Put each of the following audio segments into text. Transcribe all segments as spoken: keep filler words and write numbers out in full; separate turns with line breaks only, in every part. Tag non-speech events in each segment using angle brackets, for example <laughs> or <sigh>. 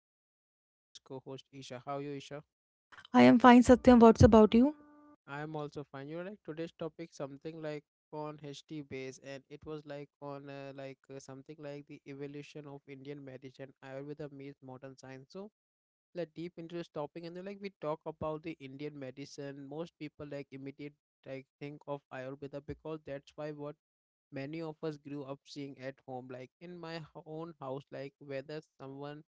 me is our fabulous co-host Isha. How are you Isha?
I am fine, Satyam. What's about you?
I am also fine. You know like today's topic something like on H T base and it was like on uh, like uh, something like the evolution of Indian medicine Ayurveda meets modern science. So like deep into this topic and then like we talk about the indian medicine most people like immediate like think of ayurveda because that's why what many of us grew up seeing at home like in my h- own house like whether someone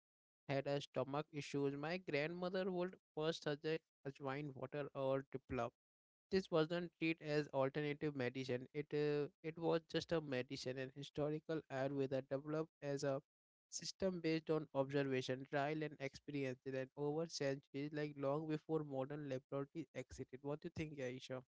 had a stomach issues my grandmother would first suggest ajwain water or dipla this wasn't treated as alternative medicine it uh, it was just a medicine and historical ayurveda developed as a system based on observation, trial and experience, and over centuries, like long before modern laboratories existed. What do you think, Aisha?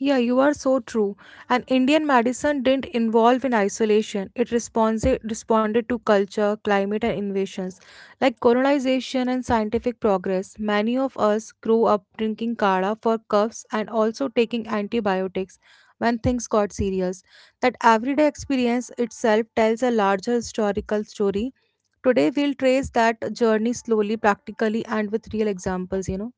Yeah, you are so true. And Indian medicine didn't evolve in isolation. It responsi- responded to culture, climate, and invasions like colonization and scientific progress. Many of us grew up drinking kala for coughs and also taking antibiotics when things got serious. That everyday experience itself tells a larger historical story. Today, we'll trace that journey slowly, practically, and with real examples, you know.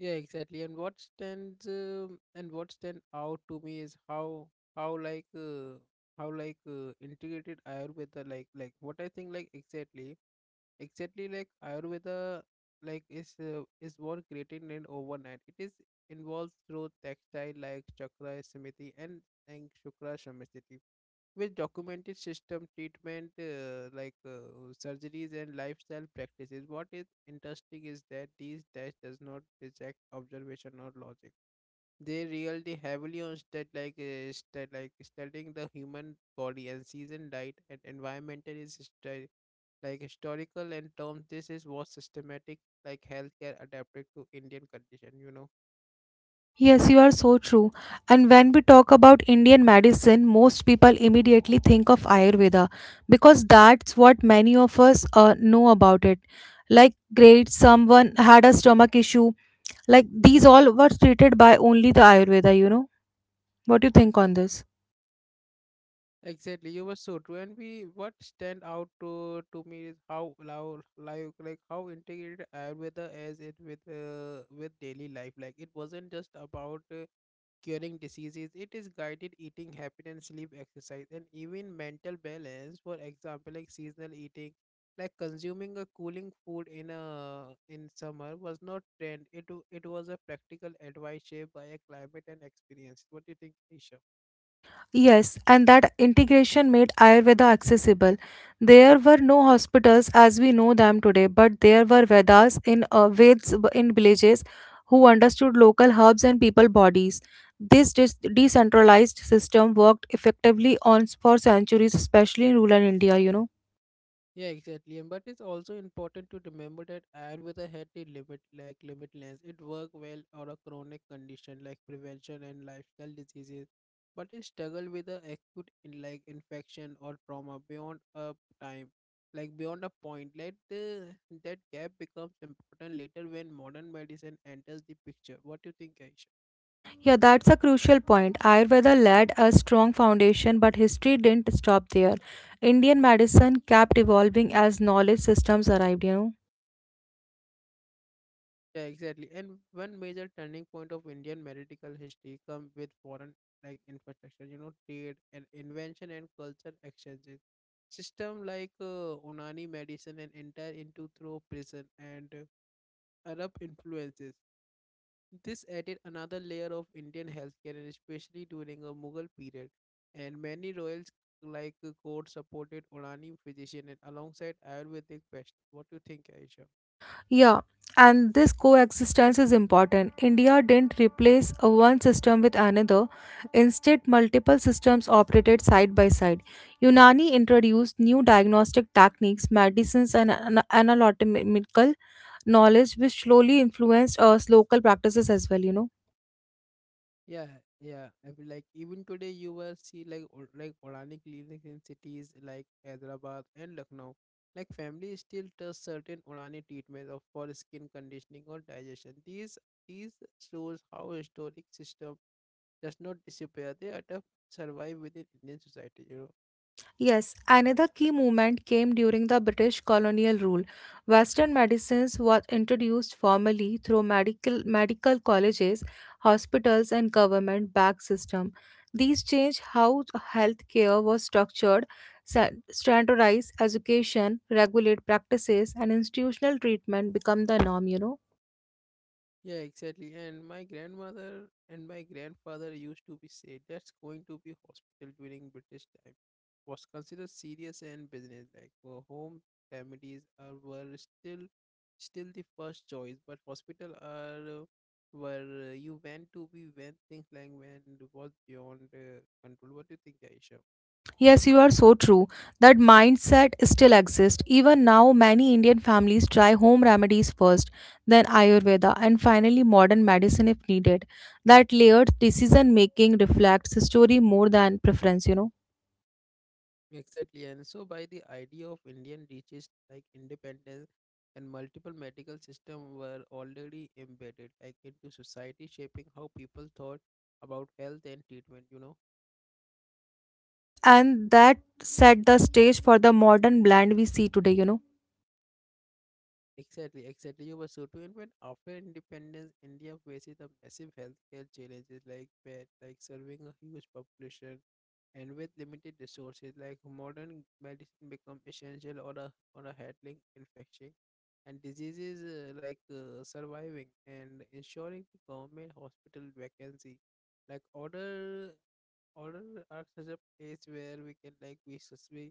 Yeah, exactly. And what stands um and what stand out to me is how how like uh, how like uh, integrated Ayurveda like like what I think like exactly exactly like Ayurveda like is uh, is born created in overnight. It is involves through textile like chakra samiti, and and shukra samriti with documented system treatment uh, like uh, surgeries and lifestyle practices what is interesting is that these tests does not reject observation or logic they really heavily on stat like uh, stat like studying the human body and season diet and environmental is stu- like historical and terms this is what systematic like healthcare adapted to indian condition you know
Yes, you are so true. And when we talk about Indian medicine, most people immediately think of Ayurveda because that's what many of us uh, know about it. Like, great, someone had a stomach issue. Like, these all were treated by only the Ayurveda, you know? What do you think on this?
Exactly, you were so true. And we what stand out to to me is how loud, like like how integrated Ayurveda is it with uh, with daily life. Like it wasn't just about uh, curing diseases. It is guided eating, happiness, sleep, exercise, and even mental balance. For example, like seasonal eating, like consuming a cooling food in a in summer was not trend. It w- it was a practical advice shaped by a climate and experience. What do you think, Nisha?
Yes, and that integration made Ayurveda accessible. There were no hospitals as we know them today, but there were Vedas in uh, Veds b- in villages who understood local herbs and people bodies. This dis- decentralized system worked effectively on for centuries, especially in rural India. You know,
Yeah, exactly. And but it's also important to remember that Ayurveda had a limit, like limitless. It worked well on a chronic condition like prevention and lifestyle diseases, but it struggled with the acute in like infection or trauma beyond a time, like beyond a point. Let the that gap becomes important later when modern medicine enters the picture. What do you think, Aish?
yeah, that's a crucial point. Ayurveda laid a strong foundation, but history didn't stop there. Indian medicine kept evolving as knowledge systems arrived. You know.
Yeah, exactly. And one major turning point of Indian medical history come with foreign like infrastructure, you know, trade and invention and culture exchanges. System like uh, Unani medicine and enter into through prison and uh, Arab influences. This added another layer of Indian healthcare, and especially during a Mughal period. And many royals like uh, court supported Unani physician and alongside Ayurvedic practitioner. What do you think, Aisha?
Yeah, and this coexistence is important. India didn't replace a one system with another. Instead, multiple systems operated side by side. Unani introduced new diagnostic techniques, medicines, and ana- anatomical knowledge, which slowly influenced us local practices as well, you know.
Yeah, yeah. I feel like even today you will see like or- like organic clinics in cities like Hyderabad and Lucknow. Like families still trust certain organic treatments of for skin conditioning or digestion. These these shows how historic system does not disappear. They adapt survive within Indian society. You know.
Yes, another key movement came during the British colonial rule. Western medicines was introduced formally through medical, medical colleges, hospitals, and government-backed system. These changed how healthcare was structured, sa- standardized education, regulate practices, and institutional treatment become the norm. You know.
Yeah, exactly. And my grandmother and my grandfather used to be said that's going to be hospital during British time was considered serious and business like for home remedies are, were still still the first choice but hospital are uh, where uh, you went to be when things like when was beyond uh, control what do you think Aisha
Yes, you are so true. That mindset still exists. Even now, many Indian families try home remedies first, then Ayurveda, and finally modern medicine if needed. That layered decision making reflects the story more than preference, you know.
Exactly, and so by the idea of Indian reaches like independence and multiple medical systems were already embedded like into society, shaping how people thought about health and treatment. You know.
Yes, and that set the stage for the modern blend we see today, you know.
Exactly, exactly. You were so true. And when after independence, India faces the massive healthcare challenges like bed, like serving a huge population, and with limited resources, like modern medicine become essential or a or a handling infection and diseases uh, like uh, surviving and ensuring the government hospital vacancy, like order order are such a place where we can like we sus- we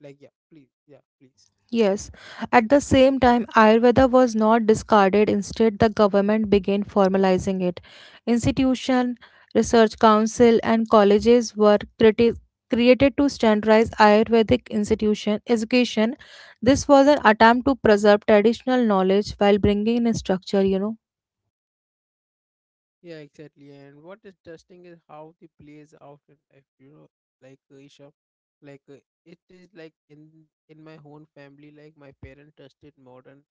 like yeah please yeah please.
Yes, at the same time, Ayurveda was not discarded. Instead, the government began formalizing it. Institution, research council, and colleges were criti- created to standardize Ayurvedic institution education. This was an attempt to preserve traditional knowledge while bringing in structure. You know.
Yeah, exactly. And what is testing is how it plays out in life. You know, like uh, Isha, like uh, it is like in in my own family, like my parents tested modern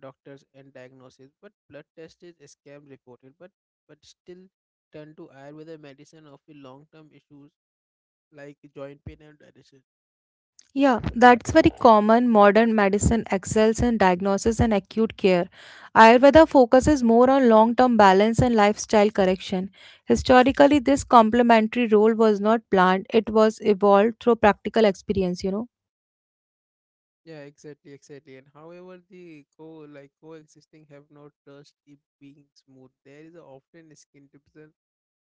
doctors and diagnosis, but blood test is a scam reported, but but still turn to Ayurveda medicine of the long term issues like joint pain and digestion.
Yeah, that's very common. Modern medicine excels in diagnosis and acute care. Ayurveda focuses more on long term balance and lifestyle correction. Historically, this complementary role was not planned, it was evolved through practical experience, you know.
Yeah, exactly, exactly. And however, the co like coexisting have no trust if being smooth. There is a often a skin division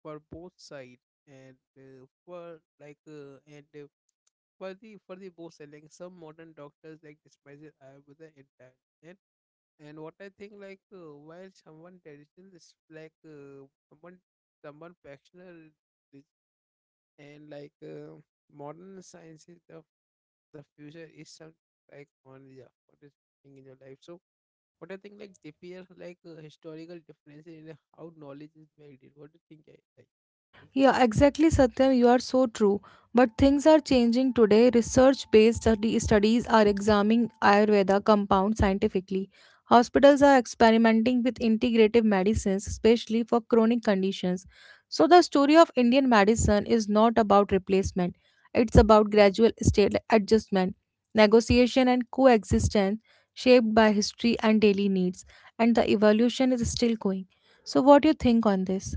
for both sides, and uh, for like uh, and uh, for the for the both selling. Some modern doctors like dismiss it uh, with the entire and and what I think like uh, while someone traditional is like uh, someone someone factional is- and like uh, modern sciences the future is some like on yeah, what is happening in your life. So what I think like appear like uh, historical differences in how knowledge is valued. What do you think? I like
Yeah,
occasion.
exactly, Satyam. You are so true. But things are changing today. Research based study- studies are examining Ayurveda compounds scientifically. Hospitals are experimenting with integrative medicines, especially for chronic conditions. So, the story of Indian medicine is not about replacement, it's about gradual state adjustment, negotiation, and coexistence shaped by history and daily needs. And the evolution is still going. So, what do you think on this?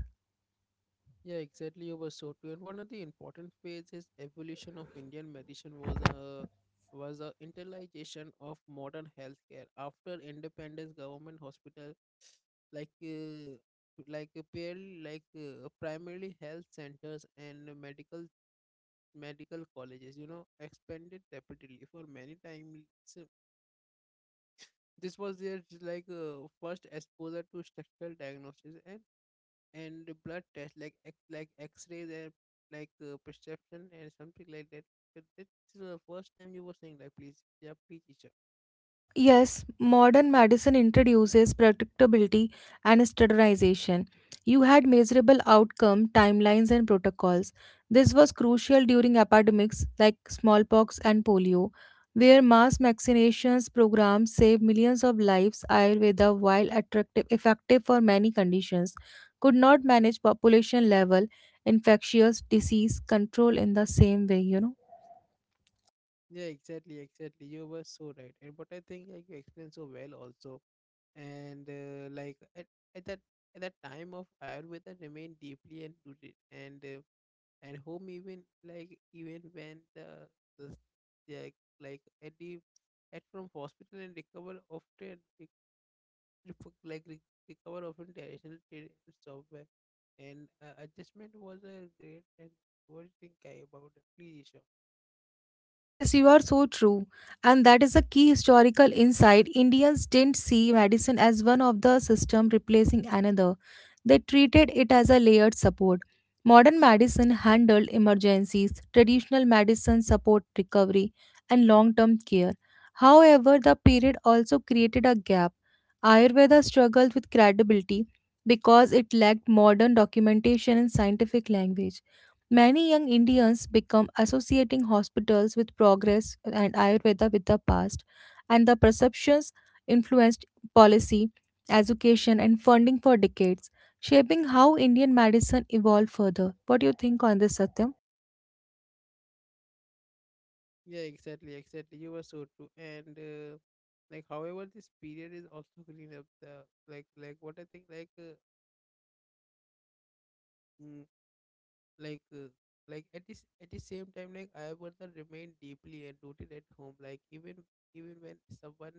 Yeah, exactly. You were so true. And one of the important phases is evolution of Indian medicine was a was a internalization of modern healthcare after independence. Government hospital like uh, like uh, purely like uh, primarily health centers and medical medical colleges you know expanded rapidly for many times so this was their like uh, first exposure to structural diagnosis and and blood tests like ex- like x-rays and like uh, perception and something like that Uh, that's the first time you were saying like please yeah please teacher
Yes, modern medicine introduces predictability and standardization. You had measurable outcome, timelines, and protocols. This was crucial during epidemics like smallpox and polio, where mass vaccinations programs saved millions of lives. Ayurveda, while attractive, effective for many conditions, could not manage population level infectious disease control in the same way, you know.
yeah exactly exactly you were so right and but I think like you explained so well also and uh, like at, at that at that time of ayurveda remained deeply and rooted and uh, at home even like even when the the like like at the at from hospital and recover often rec- ref- like re- recover often traditional trade and software and uh, adjustment was a great and what do you think I about the please Isha?
Yes, you are so true. And that is a key historical insight. Indians didn't see medicine as one of the system replacing another. They treated it as a layered support. Modern medicine handled emergencies, traditional medicine support recovery and long-term care. However, the period also created a gap. Ayurveda struggled with credibility because it lacked modern documentation and scientific language. Many young Indians become associating hospitals with progress and Ayurveda with the past, and the perceptions influenced policy, education, and funding for decades, shaping how Indian medicine evolved further. What do you think on this, Satyam?
Yeah exactly exactly you were so true and uh, like however this period is also cleaning up the like like what I think like uh, like uh, like at this at the same time like I want to remain deeply and rooted at home like even even when someone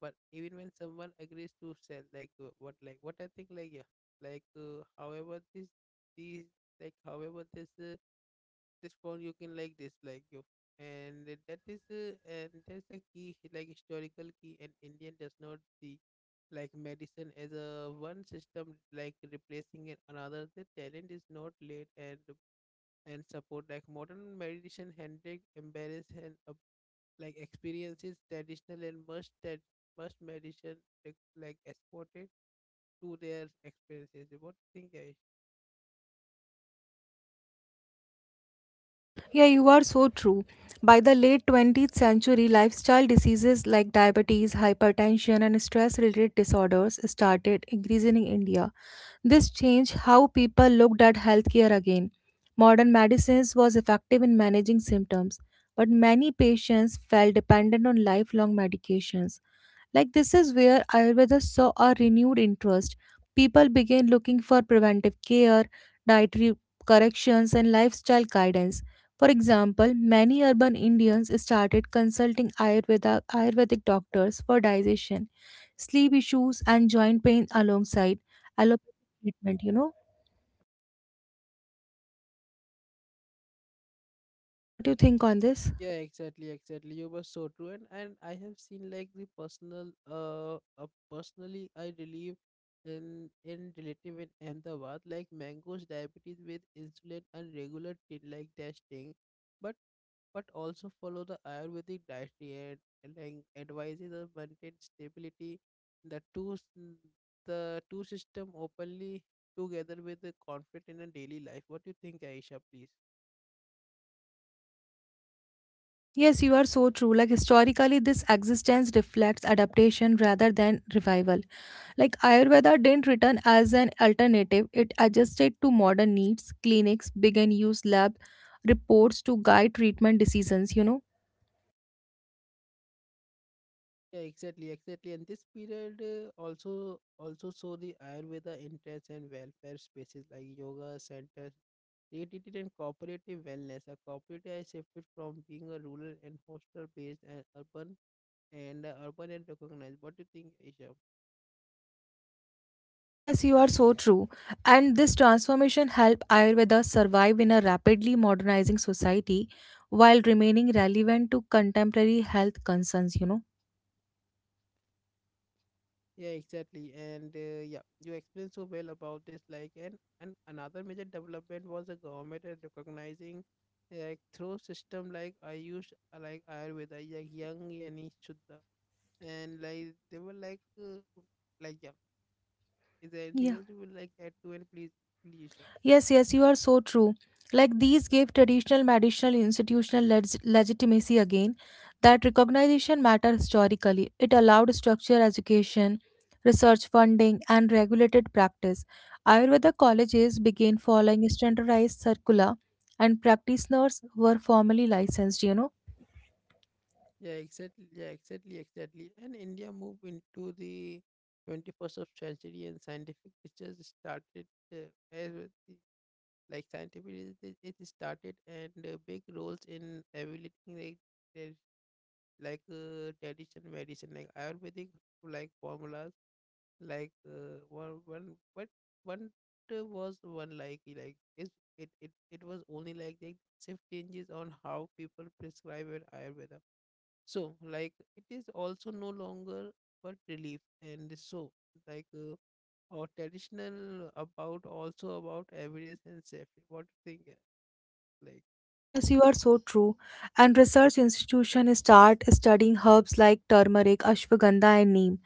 but even when someone agrees to sell like uh, what like what I think like yeah like uh, however this these like however this uh, this phone you can like this like you and that is uh, and that's a key like historical key and indian does not see like medicine as a one system like replacing it another the talent is not late and and support like modern meditation handling embrace and uh, like experiences traditional and must that must meditation like, like exported to their experiences what do you think Ayush?
Yeah, you are so true. By the late twentieth century, lifestyle diseases like diabetes, hypertension, and stress related disorders started increasing in India. This changed how people looked at healthcare again. Modern medicines was effective in managing symptoms, but many patients felt dependent on lifelong medications. Like this is where Ayurveda saw a renewed interest. People began looking for preventive care, dietary corrections, and lifestyle guidance. For example, many urban Indians started consulting Ayurveda, Ayurvedic doctors for digestion, sleep issues, and joint pain alongside allopathic treatment. You know, what do you think on this?
Yeah, exactly, exactly. You were so true, and and I have seen like the personal uh, uh personally I believe in in relative in Ahmedabad like mangoes diabetes with insulin and regular t- like testing, but but also follow the Ayurvedic dietary and, and like advises on maintain stability. The two s- n- the two system openly together with the conflict in a daily life. What do you think, Aisha? Please.
Yes, you are so true. Like historically, this existence reflects adaptation rather than revival. Like Ayurveda didn't return as an alternative, it adjusted to modern needs. Clinics began use lab reports to guide treatment decisions, you know.
Yeah, exactly, exactly. And this period uh, also also saw the Ayurveda entrance and welfare spaces like yoga centers created and cooperative wellness. A cooperative has shifted from being a rural and hostel based and urban and uh, urban and recognized. What do you think, Isha?
Yes, you are so true. And this transformation helped Ayurveda survive in a rapidly modernizing society while remaining relevant to contemporary health concerns, you know.
Yeah, exactly. And uh, yeah, you explained so well about this. Like, and and another major development was the government is recognizing like through system like I use like Ayurveda, like young yani Shuddha and like they were like uh, like yeah is there
Yeah.
anything else you would like add to it, please please Isha.
Yes, yes, you are so true. Like these gave traditional medicinal institutional leg- legitimacy again. That recognition matter historically. It allowed structured education, research funding, and regulated practice. Ayurveda colleges began following standardized circular, and practitioners were formally licensed. You know,
Yeah, exactly. Yeah, exactly, exactly. And India moved into the twenty-first of century, and scientific research started uh, as with the- like scientific research it started and uh, big roles in evaluating like their- like uh, tradition medicine like Ayurvedic like formulas like uh, one one what one uh, was one like like is it it it was only like the shift changes on how people prescribe an ayurveda so like it is also no longer but relief and so like uh, or traditional about also about evidence and safety what do you think uh, like uh,
yes, you are so true. And research institutions start studying herbs like turmeric, ashwagandha, and neem.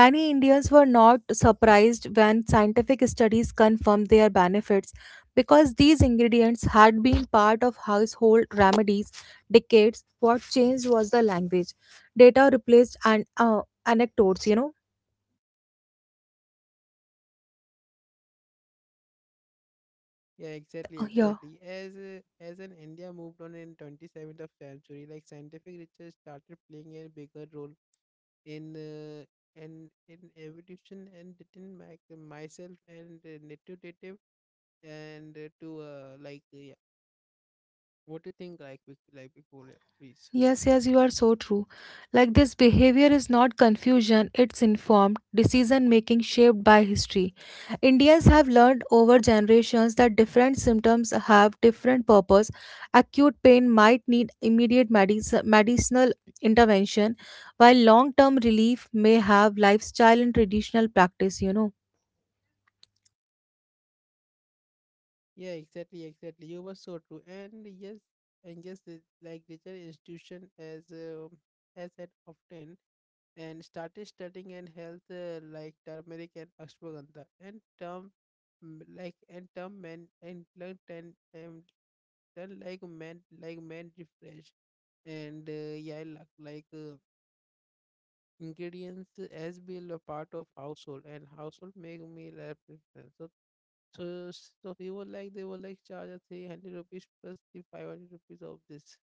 Many Indians were not surprised when scientific studies confirmed their benefits because these ingredients had been part of household remedies decades. What changed was the language. Data replaced and uh, anecdotes, you know.
yeah
I,
exactly
yeah.
exactly as uh, as an india moved on in twenty-seventh of century like scientific research started playing a bigger role in uh, and in evolution and within my, myself and uh, native and uh, to uh, like uh, yeah. What do you think, like Vic- like before? Yeah, please.
Yes, yes, you are so true. Like this behavior is not confusion, it's informed decision making shaped by history. Indians have learned over generations that different symptoms have different purpose. Acute pain might need immediate medic- medicinal intervention, while long term relief may have lifestyle and traditional practice, you know.
Yeah, exactly, exactly, you were so true. And yes and yes the- like digital institution as uh, as had often, and started studying and health, uh, like turmeric and ashwagandha and term. Mm, like, and term men and learned, and felt like man, like man refresh. And uh, yeah like, like uh, Ingredients as being a part of household and household make meal, like preference. so so so he was like, they were like, charge us three hundred rupees plus the five hundred rupees of this.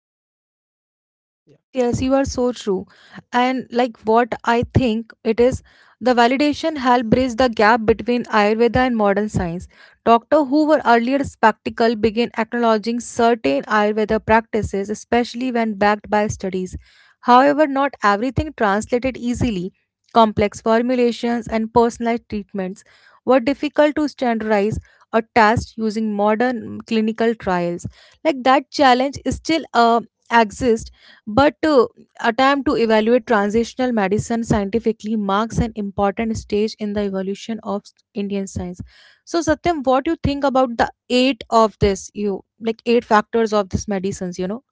Yeah.
Yes, yes, you are so true. And like what I think it is, the validation helped bridge the gap between Ayurveda and modern science. Doctor who were earlier skeptical began acknowledging certain Ayurveda practices, especially when backed by studies. However, not everything translated easily. Complex formulations and personalized treatments were difficult to standardize or test using modern clinical trials. Like that challenge is still uh, exists, but uh, attempt to evaluate transitional medicine scientifically marks an important stage in the evolution of Indian science. So, Satyam, what do you think about the eight of this? You like eight factors of this medicines. You know,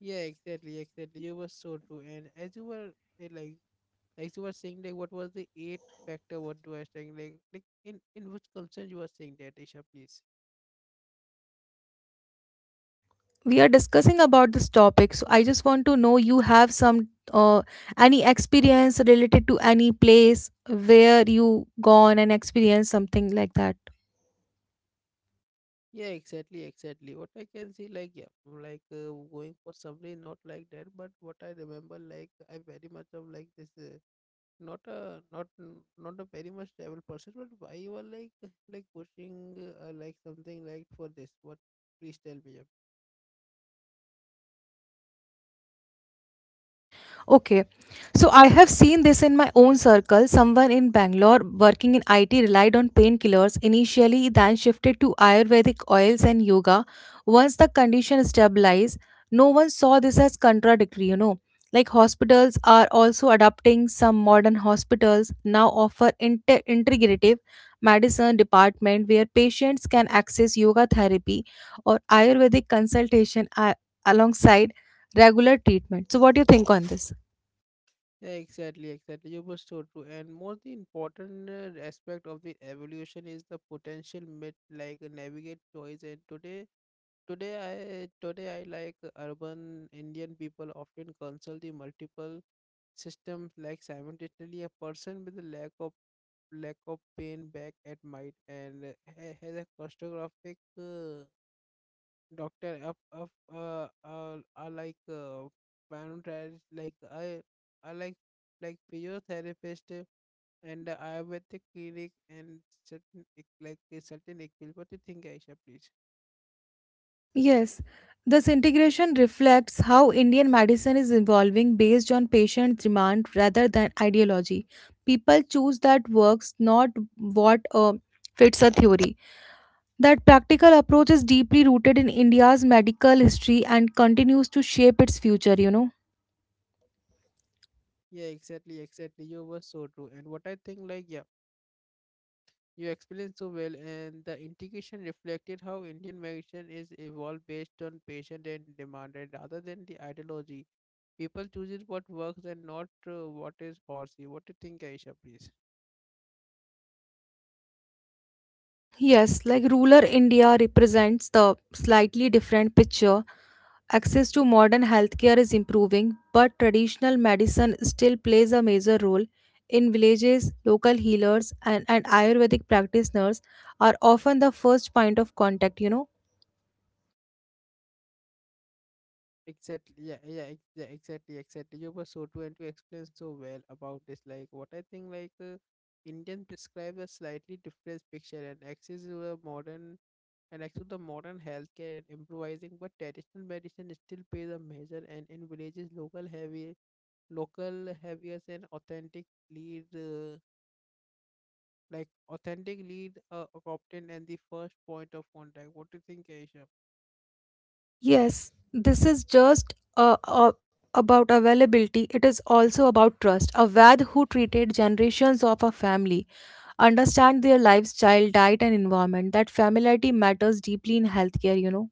Yeah, exactly, exactly, you were so true. And as you were, eh, like, as you were saying, like, what was the eight factor? What you were saying, like, like in in which concern you were saying that, Isha, please.
we are discussing about this topic. So, I just want to know you have some uh, any experience related to any place where you gone and experienced something like that.
Yeah, exactly, exactly. What I can see, like, yeah, mm, like uh, going for summary, not like that. But what I remember, like, I very much of like this, uh, not a not n- not a very much travel person, but why you are like <laughs> like pushing, uh, like something like for this? What? Please tell me. Yeah.
Okay. So I have seen this in my own circle. Someone in Bangalore working in I T relied on painkillers initially, then shifted to Ayurvedic oils and yoga. Once the condition stabilized, no one saw this as contradictory, you know. Like hospitals are also adopting some modern hospitals now offer inter- integrative medicine department where patients can access yoga therapy or Ayurvedic consultation a- alongside regular treatment. So what do you think on this?
Yeah, exactly, exactly, you were so true. And more the important uh, aspect of the evolution is the potential mid, like uh, navigate choice. And today, Today I today I like urban Indian people often consult the multiple systems, like simultaneously a person with a lack of lack of pain back at might, and uh, ha- has a costographic uh, doctor of of uh, uh, uh like uh, physiotherapist, like I I like like physiotherapist, uh, and uh, ayurvedic clinic and certain ec- like a certain equipment. What do you think, Aisha? Please.
Yes, this integration reflects how Indian medicine is evolving based on patient demand rather than ideology. People choose that works, not what uh, fits a theory. That practical approach is deeply rooted in India's medical history and continues to shape its future, you know.
Yeah, exactly, exactly, you were so true. And what I think, like, yeah, you explained so well, and the integration reflected how Indian medicine is evolved based on patient and demand, and rather than the ideology, people chooses what works and not uh, what is forcey. What do you think, Aisha, please?
Yes, like rural India represents the slightly different picture. Access to modern healthcare is improving, but traditional medicine still plays a major role. In villages, local healers and, and Ayurvedic practitioners are often the first point of contact, you know.
Exactly, yeah, yeah, ex- yeah, exactly, exactly, you were so true, and you explained so well about this. Like, what I think, like, uh, Indian prescribe a slightly different picture and access to a modern. And next to the modern healthcare and improvising, but traditional medicine still plays a major, and in villages local heavy, local heaviers and authentic lead, uh, like authentic lead, uh, a captain and the first point of contact. What do you think, Aisha?
Yes, this is just uh, uh, about availability, it is also about trust. A Vaid who treated generations of a family, understand their lifestyle, diet, and environment. That familiarity matters deeply in healthcare, you know.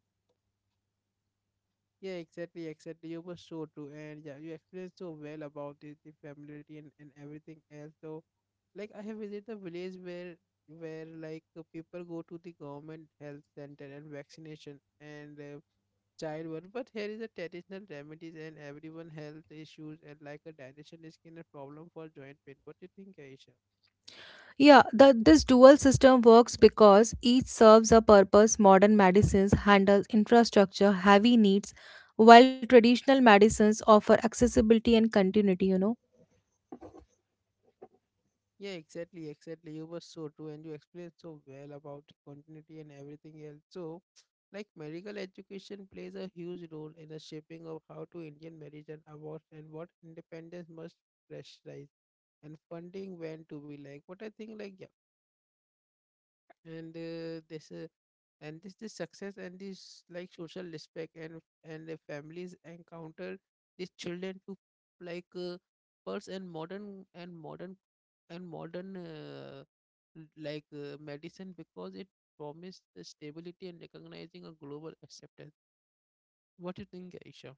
Yeah, exactly, exactly, you were so true, and yeah, you explained so well about the, the familiarity and, and everything else. So, like, I have visited a village where, where like uh, people go to the government health center and vaccination and uh, childbirth. But here is a traditional remedies and everyone health issues, and like a digestion is kind of problem for joint pain. What do you think, Aisha?
Yeah, the, this dual system works because each serves a purpose. Modern medicines handle infrastructure heavy needs, while traditional medicines offer accessibility and continuity, you know.
Yeah, exactly, exactly, you were so true, and you explained so well about continuity and everything else. So, like medical education plays a huge role in the shaping of how to Indian marriage and awards, and what independence must pressurize and funding when to be like. What I think, like, yeah, and uh, this, uh, and this this success, and this like social respect, and and the families encounter these children to, like uh, pulse and modern, and modern and modern uh, l- like uh, medicine, because it promised the stability and recognizing a global acceptance. What do you think, Aisha?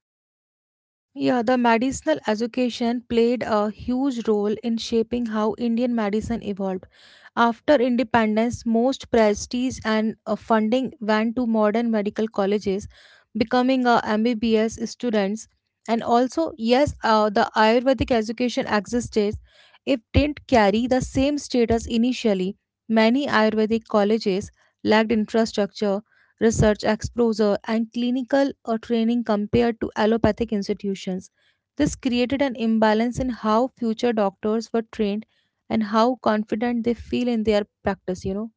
Yeah, the medicinal education played a huge role in shaping how Indian medicine evolved. After independence, most prestige and uh, funding went to modern medical colleges, becoming a M B B S students. And also, yes, uh, the Ayurvedic education existed. It didn't carry the same status initially. Many Ayurvedic colleges lacked infrastructure research exposure, and clinical uh, training compared to allopathic institutions. This created an imbalance in how future doctors were trained and how confident they feel in their practice, you know.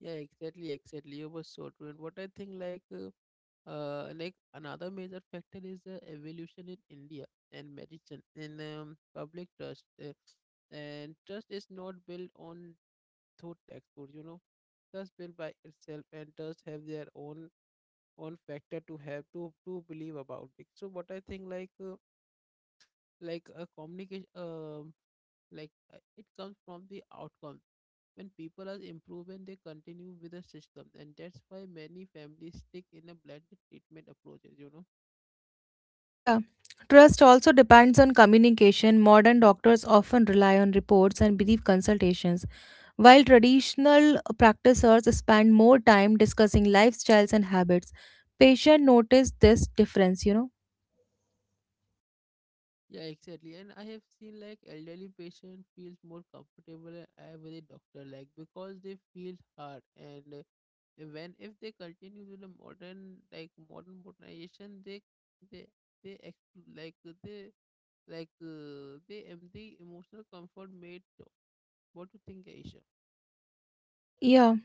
Yeah, exactly, exactly, you were so true. And what I think, like, uh, uh, like another major factor is uh, evolution in India and medicine in, um, public trust. Uh, and trust is not built on through textbooks, you know. Trust built by itself, and trust have their own own factor to have to to believe about it. So what I think, like, uh, like a communication, uh, like uh, it comes from the outcome. When people are improving, they continue with the system, and that's why many families stick in a blended treatment approaches, you know.
Yeah. Trust also depends on communication. Modern doctors often rely on reports and brief consultations, while traditional uh, practitioners spend more time discussing lifestyles and habits. Patients notice this difference, you know.
Yeah, exactly. And I have seen like elderly patient feels more comfortable uh, with a doctor, like because they feel hard, and uh, when if they continue with the modern, like modern modernization they they they ex- like they like uh, they empty emotional comfort made. What do you think, Aisha?
Yeah,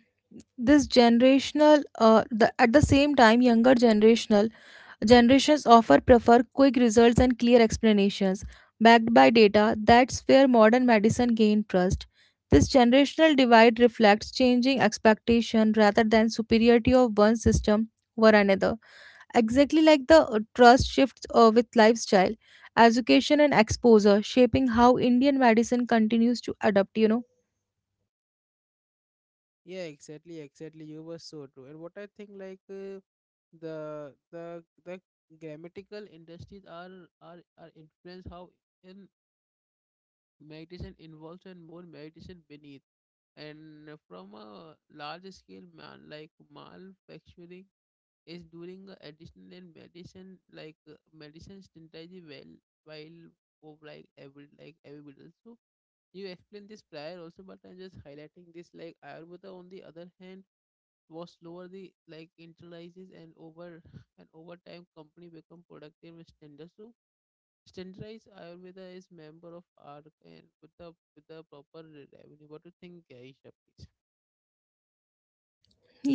this generational uh, the, at the same time younger generational generations offer prefer quick results and clear explanations backed by data. That's where modern medicine gained trust. This generational divide reflects changing expectation rather than superiority of one system over another. Exactly, like the uh, trust shifts uh, with lifestyle, education, and exposure shaping how Indian medicine continues to adapt, you know.
Yeah, exactly, exactly, you were so true. And what I think, like uh, the the the grammatical industries are are are influence how in meditation involves and more meditation beneath. And from a large scale, man, like manufacturing is doing a additional in medicine, like uh, medicine strategy well, while of like every, like every. So you explained this prior also, but I'm just highlighting this, like Ayurveda on the other hand was slower the like internalizes. And over <laughs> and over time, company become productive and standard. So standardized Ayurveda is member of A R C, and with the with the proper re- revenue. What do you think, Aisha, please?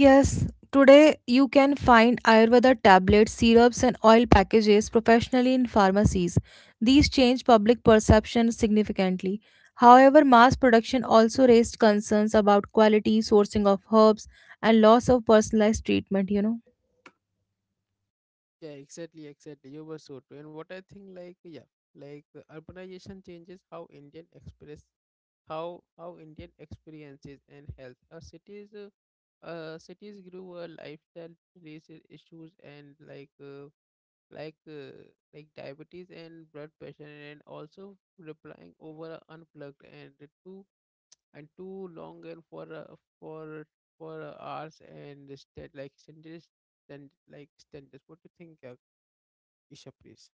Yes, today you can find Ayurveda tablets, syrups, and oil packages professionally in pharmacies. These change public perception significantly. However, mass production also raised concerns about quality, sourcing of herbs, and loss of personalized treatment, you know.
Yeah, exactly, exactly, you were so true. And what I think, like, yeah, like uh, urbanization changes how Indian express, how how Indian experiences and health. Our cities, uh, uh cities grew a lifestyle related issues, and like uh, like uh, like diabetes and blood pressure, and also replying over a unplugged, and the too and too long, and for uh, for for uh, hours, and instead like standards, and like standards. What do you think, uh, Isha, please?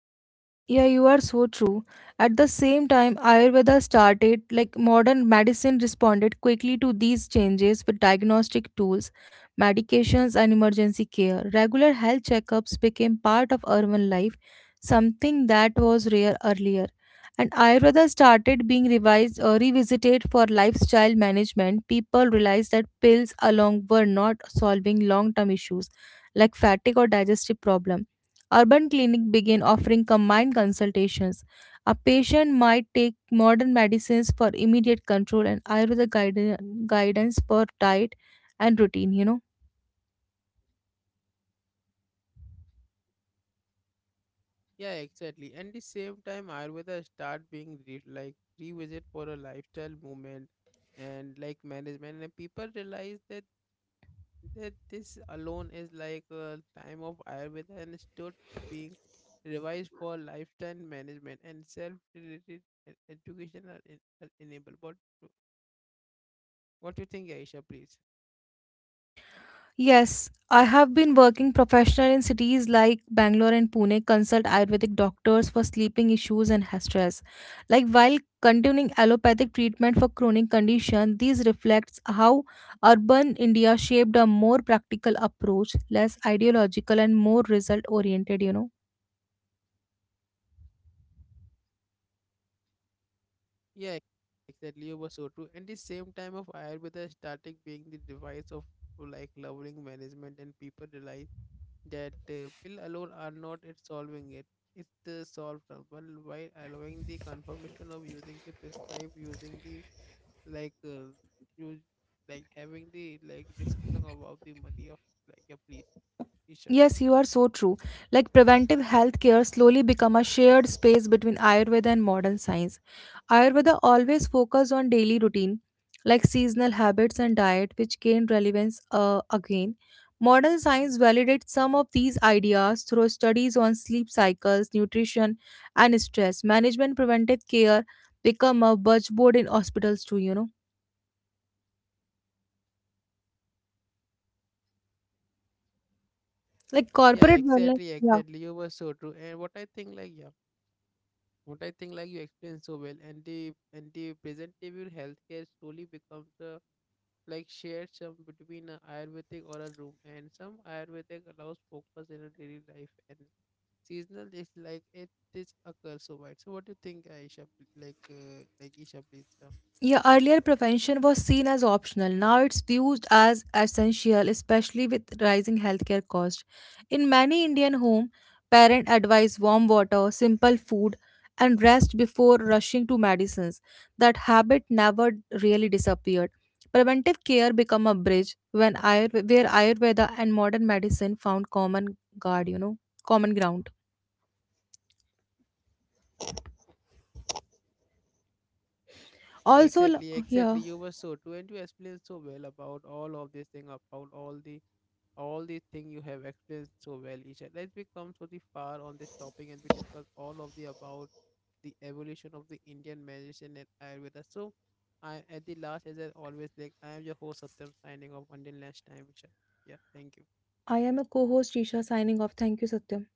Yeah, you are so true. At the same time, Ayurveda started, like modern medicine responded quickly to these changes with diagnostic tools, medications, and emergency care. Regular health checkups became part of urban life, something that was rare earlier. And Ayurveda started being revised or revisited for lifestyle management. People realized that pills alone were not solving long term issues like fatigue or digestive problems. Urban clinic began offering combined consultations. A patient might take modern medicines for immediate control and Ayurveda guide- guidance for diet and routine, you know.
Yeah, exactly. And the same time Ayurveda start being re- like revisit for a lifestyle movement and like management. And people realize that, that this alone is like a time of Ayurveda, and stood being revised for lifestyle management and self-related, e- educational en- e- enabled. What do- what do you think, Aisha? Please.
Yes, I have been working professional in cities like Bangalore and Pune, consult Ayurvedic doctors for sleeping issues and ha- stress. Like while continuing allopathic treatment for chronic condition, these reflects how urban India shaped a more practical approach, less ideological and more result oriented, you know.
Yeah, exactly, you were so true. And the same time of Ayurveda started being the device of like lowering management, and people realize that uh, pill alone are not it solving it. It's the solve problem, while allowing the confirmation of using the prescribe, using the, like uh, you, like having the like discussion about the money of like a police issue.
Yes, you are so true. Like preventive health care slowly become a shared space between Ayurveda and modern science. Ayurveda always focus on daily routine, like seasonal habits and diet, which gain relevance uh, again. Modern science validates some of these ideas through studies on sleep cycles, nutrition, and stress management. Preventive care become a buzzword in hospitals too. You know, like
Yeah,
corporate wellness.
exactly,
Yeah.
exactly, you were so true. And what I think, like, yeah, what I think, like, you explained so well. And the and the present day will healthcare slowly becomes a like shared some between a Ayurvedic or a room, and some Ayurvedic allows focus in a daily life and seasonal is like it is occurs so wide. So what do you think, Aisha, pl- like uh, like Isha, please? Yeah.
Yeah, earlier prevention was seen as optional. Now it's viewed as essential, especially with rising healthcare costs. In many Indian homes, parents advise warm water, simple food, and rest before rushing to medicines. That habit never really disappeared. Preventive care became a bridge when Ayurveda, where Ayurveda and modern medicine found common guard, you know, common ground. Also, l-
Exactly, exactly,
yeah,
you were so true, and you explained so well about all of this thing, about all the all the thing you have explained so well, Isha. As we come so the far on this topic, and we discuss all of the about the evolution of the Indian medicine and Ayurveda. So, I at the last, as I always like, I am your host Satyam, signing off until next time, Isha. Yeah, thank you.
I am a co-host Isha signing off. Thank you, Satyam.